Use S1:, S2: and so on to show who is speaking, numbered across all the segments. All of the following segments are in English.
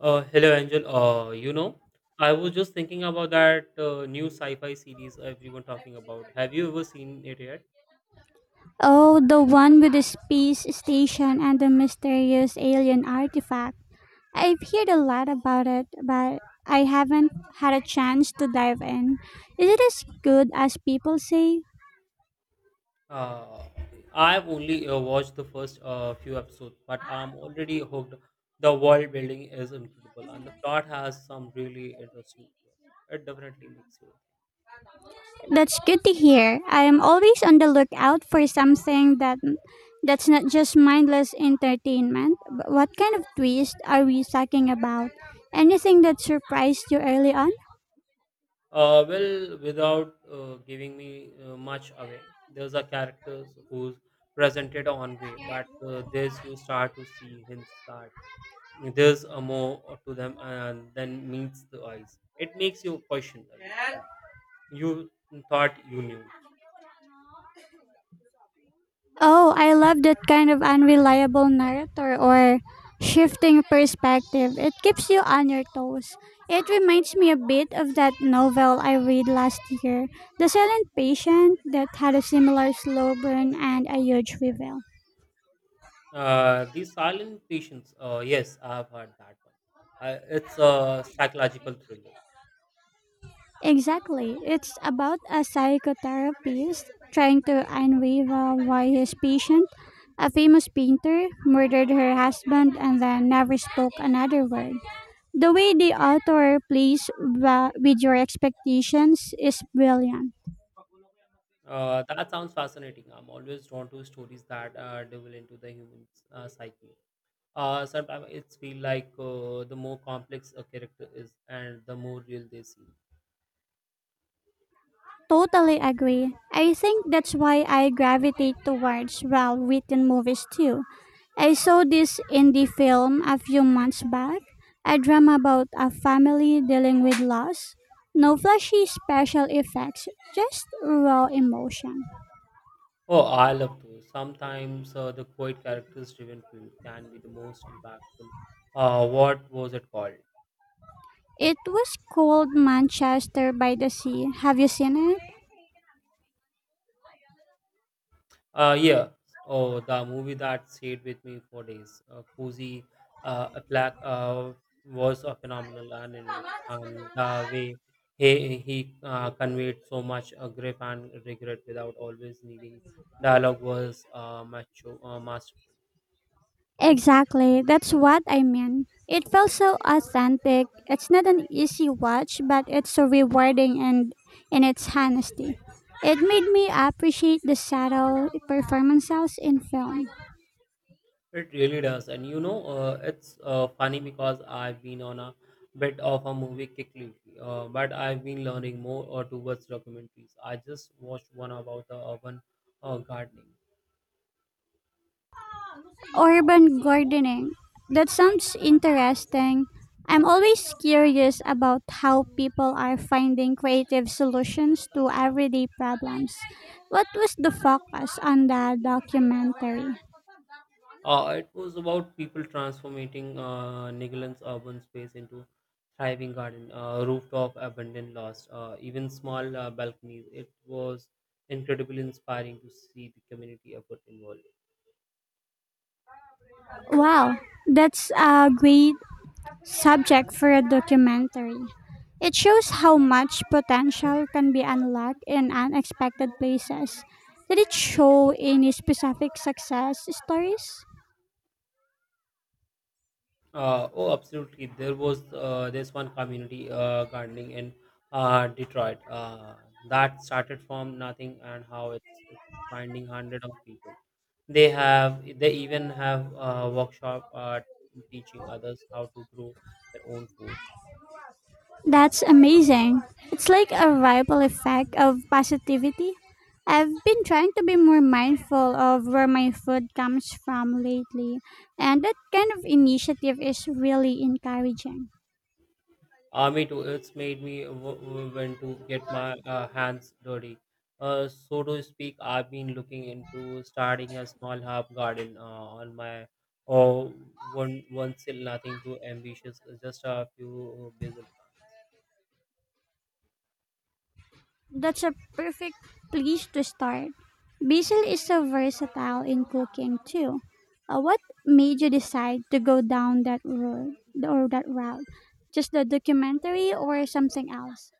S1: Hello, Angel. I was just thinking about that new sci-fi series everyone talking about. Have you ever seen it yet?
S2: Oh, the one with the space station and the mysterious alien artifact. I've heard a lot about it, but I haven't had a chance to dive in. Is it as good as people say?
S1: Uh, I've only watched the first few episodes, but I'm already hooked. The world building is incredible, and the plot has some really interesting twists. It definitely makes you.
S2: That's good to hear. I am always on the lookout for something that's not just mindless entertainment. But what kind of twist are we talking about? Anything that surprised you early on?
S1: Well, without giving me much away, there's a characters who's presented on way, but there's you start to see hints that there's a more to them than meets the eyes. It makes you question a little. You thought you knew.
S2: Oh, I love that kind of unreliable narrator or shifting perspective. It keeps you on your toes. It reminds me a bit of that novel I read last year, The Silent Patient, that had a similar slow burn and a huge reveal.
S1: The silent patients, yes, I have heard that one. It's a psychological thriller.
S2: Exactly. It's about a psychotherapist trying to unravel why his patient, a famous painter, murdered her husband and then never spoke another word. The way the author plays with your expectations is brilliant.
S1: That sounds fascinating. I'm always drawn to stories that delve into the human psyche. Sometimes it's feel like the more complex a character is, and the more real they seem.
S2: Totally agree. I think that's why I gravitate towards well written movies too. I saw this indie film a few months back, a drama about a family dealing with loss. No flashy special effects, just raw emotion.
S1: Oh, I love those. Sometimes the quiet characters driven film can be the most impactful. What was it called?
S2: It was called Manchester by the Sea. Have you seen it?
S1: Yeah. Oh, the movie that stayed with me for days. Cozy Black was a phenomenal and, and the way he conveyed so much grief and regret without always needing dialogue was macho, masterful.
S2: Exactly, that's what I mean. It felt so authentic. It's not an easy watch, but it's so rewarding and in its honesty. It made me appreciate the subtle performances in film.
S1: It really does. And you know, it's funny because I've been on a bit of a movie kick lately, but I've been learning more towards documentaries. I just watched one about the urban gardening.
S2: Urban gardening. That sounds interesting. I'm always curious about how people are finding creative solutions to everyday problems. What was the focus on the documentary?
S1: It was about people transforming Nigerian's urban space into thriving garden, rooftop abandoned lost, even small balconies. It was incredibly inspiring to see the community effort involved.
S2: Wow, that's a great subject for a documentary. It shows how much potential can be unlocked in unexpected places. Did it show any specific success stories?
S1: Oh, Absolutely. There was this one community gardening in Detroit that started from nothing and how it's finding hundred of people. They even have workshop teaching others how to grow their own food.
S2: That's amazing. It's like a ripple effect of positivity. I've been trying to be more mindful of where my food comes from lately, and that kind of initiative is really encouraging.
S1: Me too. It's made me want to get my hands dirty. So to speak, I've been looking into starting a small herb garden on my oh, one still nothing too ambitious, just a few basil plants.
S2: That's a perfect place to start. Basil is so versatile in cooking too. What made you decide to go down that road or that route? Just the documentary or something else?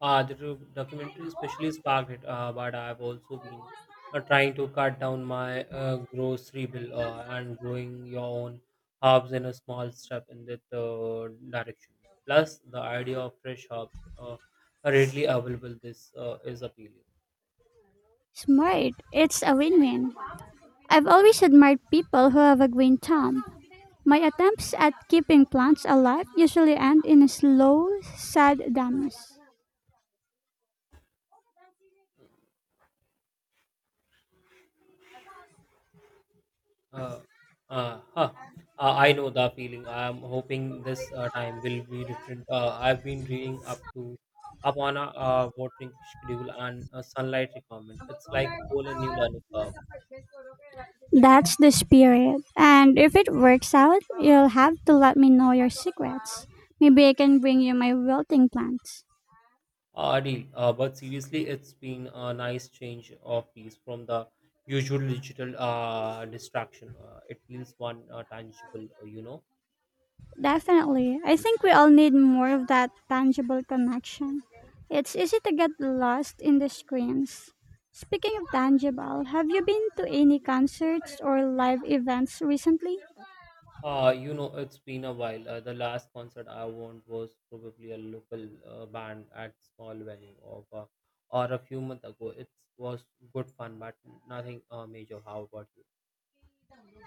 S1: Documentary especially sparked it, but I've also been trying to cut down my grocery bill and growing your own herbs in a small step in that direction. Plus, the idea of fresh herbs uh, are readily available. This is appealing.
S2: Smart. It's a win-win. I've always admired people who have a green thumb. My attempts at keeping plants alive usually end in a slow, sad damage.
S1: Uh, huh. I know the feeling. I am hoping this time will be different. I've been reading up on a watering schedule and sunlight requirement. It's like whole new learning curve.
S2: That's the spirit. And if it works out, you'll have to let me know your secrets. Maybe I can bring you my wilting plants.
S1: Deal. But seriously, it's been a nice change of pace from the usual digital distraction. It feels one tangible.
S2: Definitely. I think we all need more of that tangible connection. It's easy to get lost in the screens. Speaking of tangible, have you been to any concerts or live events recently?
S1: It's been a while. The last concert I went was probably a local band at small venue or a few months ago. It was good fun, but nothing major. How about you?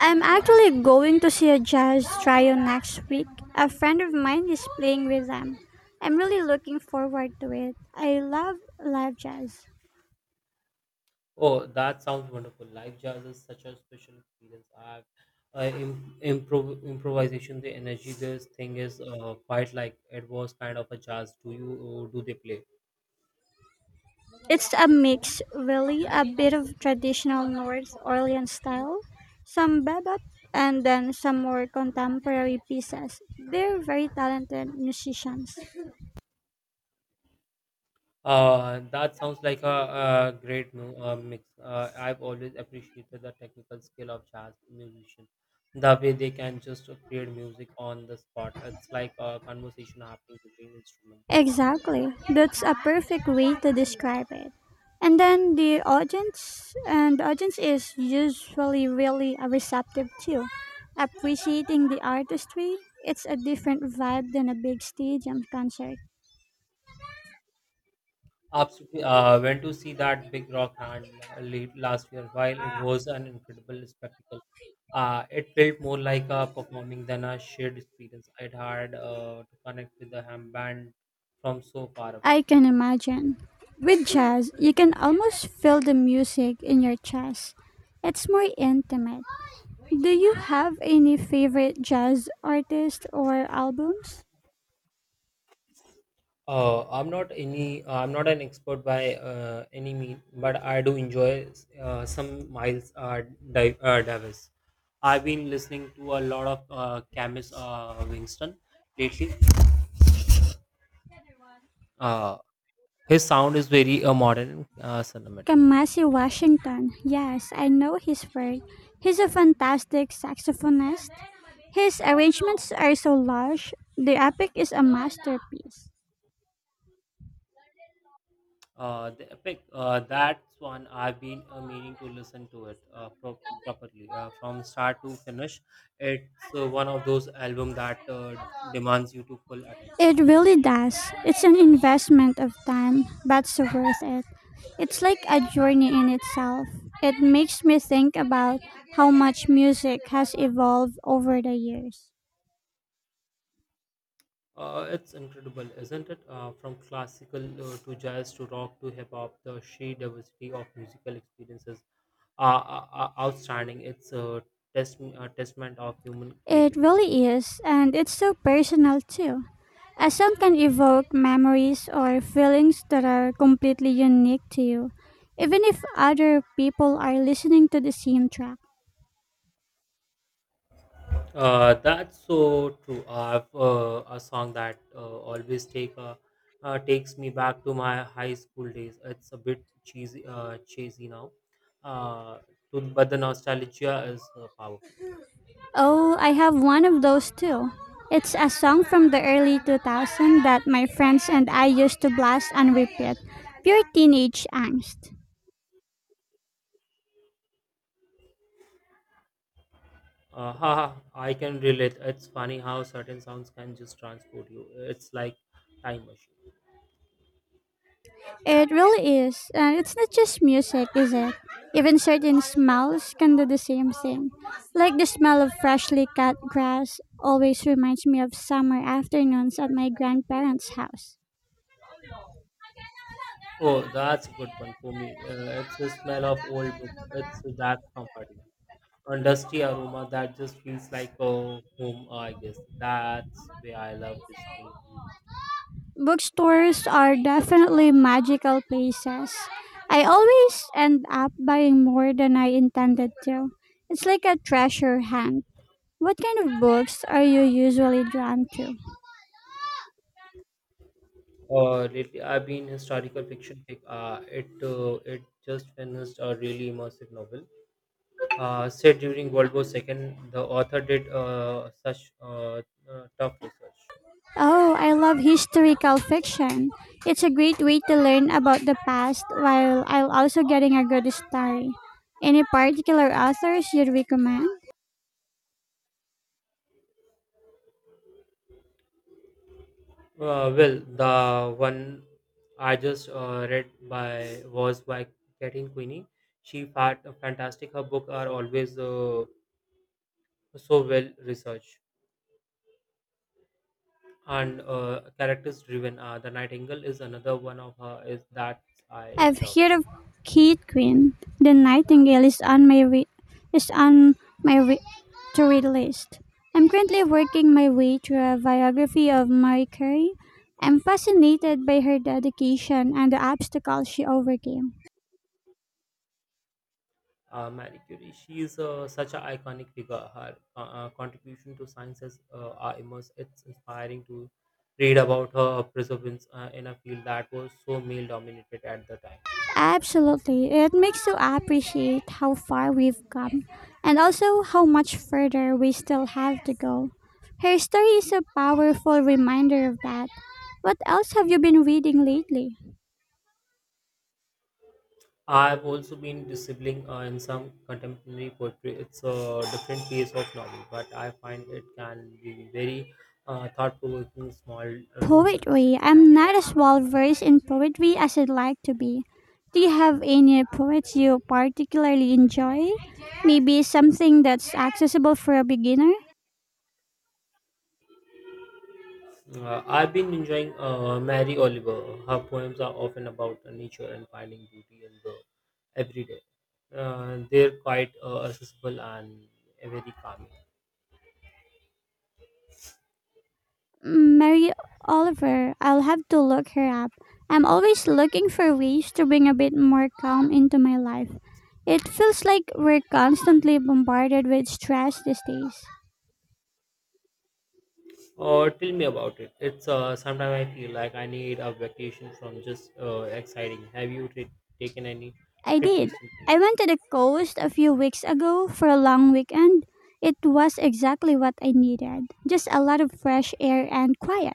S2: I'm actually going to see a jazz trio next week. A friend of mine is playing with them. I'm really looking forward to it. I love live jazz.
S1: Oh, that sounds wonderful. Live jazz is such a special experience. Improvisation, the energy, this thing is quite like it was kind of a jazz. Do they play?
S2: It's a mix, really, a bit of traditional North Orleans style, some bebop, and then some more contemporary pieces. They're very talented musicians.
S1: That sounds like a great mix. I've always appreciated the technical skill of jazz musicians. The way they can just create music on the spot. It's like a conversation happening between instruments.
S2: Exactly. That's a perfect way to describe it. And then the audience is usually really receptive too. Appreciating the artistry, it's a different vibe than a big stadium concert.
S1: Absolutely. Went to see that big rock hand late last year. While it was an incredible spectacle, it felt more like a performing than a shared experience. I'd had to connect with the ham band from so far away.
S2: I can imagine. With jazz, you can almost feel the music in your chest. It's more intimate. Do you have any favorite jazz artists or albums?
S1: I'm not any. I'm not an expert by any mean, but I do enjoy some Miles Davis. I've been listening to a lot of Camus Winston lately. Uh, his sound is very modern, cinematic.
S2: Kamasi Washington. Yes, I know his work. He's a fantastic saxophonist. His arrangements are so lush. The epic is a masterpiece.
S1: The epic. That's one I've been meaning to listen to it properly from start to finish. It's one of those albums that demands you to full attention.
S2: It really does. It's an investment of time, but so worth it. It's like a journey in itself. It makes me think about how much music has evolved over the years.
S1: It's incredible, isn't it? From classical to jazz to rock to hip hop, the sheer diversity of musical experiences are outstanding. It's a testament of human
S2: It
S1: creativity.
S2: really is, and it's so personal too. A song can evoke memories or feelings that are completely unique to you, even if other people are listening to the same track.
S1: That's so true. I have a song that always takes me back to my high school days. It's a bit cheesy, now, uh, but the nostalgia is powerful.
S2: Oh, I have one of those too. It's a song from the early 2000s that my friends and I used to blast and repeat. Pure teenage angst.
S1: Haha, I can relate. It's funny how certain sounds can just transport you. It's like time machine.
S2: It really is. And it's not just music, is it? Even certain smells can do the same thing. Like the smell of freshly cut grass always reminds me of summer afternoons at my grandparents' house.
S1: Oh, that's a good one for me. It's the smell of old books. It's that comforting. A dusty aroma that just feels like a home, I guess. That's where I love visiting.
S2: Bookstores are definitely magical places. I always end up buying more than I intended to. It's like a treasure hunt. What kind of books are you usually drawn to?
S1: Lately, I've been historical fiction. Pick. It just finished a really immersive novel. Set during World War II, the author did such tough research.
S2: Oh, I love historical fiction. It's a great way to learn about the past while I'll also getting a good story. Any particular authors you'd recommend?
S1: Well, the one I just read by was by Kathleen Queenie. She fantastic. Her book are always so well researched and characters driven. The Nightingale is another one of her is that I
S2: I've
S1: love.
S2: heard of Kate Quinn. The Nightingale is on is on my re- to read list. I'm currently working my way through a biography of Marie Curie. I'm fascinated by her dedication and the obstacles she overcame.
S1: Marie Curie, she is such an iconic figure. Her contribution to science are immense. It's inspiring to read about her perseverance in a field that was so male dominated at the time.
S2: Absolutely. It makes you appreciate how far we've come and also how much further we still have to go. Her story is a powerful reminder of that. What else have you been reading lately?
S1: I've also been disabling in some contemporary poetry. It's a different phase of novel, but I find it can be very thought provoking small doses.
S2: Poetry. I'm not as well versed in poetry as I'd like to be. Do you have any poets you particularly enjoy? Maybe something that's accessible for a beginner?
S1: I've been enjoying Mary Oliver. Her poems are often about nature and finding beauty in the everyday. They're quite accessible and very calming.
S2: Mary Oliver. I'll have to look her up. I'm always looking for ways to bring a bit more calm into my life. It feels like we're constantly bombarded with stress these days.
S1: Or tell me about it. It's sometimes I feel like I need a vacation from just exciting. Have you taken any
S2: I
S1: trip
S2: did.
S1: recently?
S2: I went to the coast a few weeks ago for a long weekend. It was exactly what I needed just a lot of fresh air and quiet.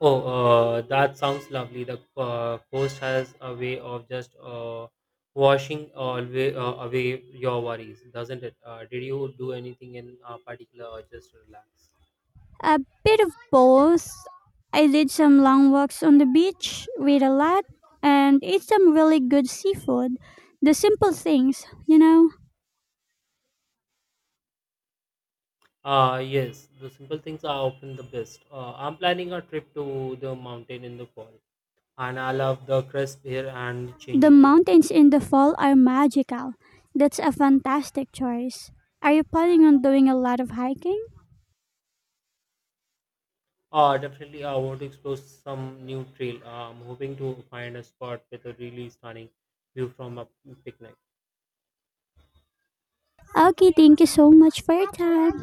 S1: Oh, that sounds lovely. The coast has a way of just washing away your worries, doesn't it? Did you do anything in particular or just relax?
S2: A bit of both. I did some long walks on the beach, read a lot, and ate some really good seafood. The simple things, you know.
S1: Yes, the simple things are often the best. I'm planning a trip to the mountain in the fall, and I love the crisp air and
S2: The
S1: changing level.
S2: mountains in the fall are magical. That's a fantastic choice. Are you planning on doing a lot of hiking?
S1: Definitely, I want to explore some new trail. I'm hoping to find a spot with a really stunning view from a picnic.
S2: Okay, thank you so much for your time.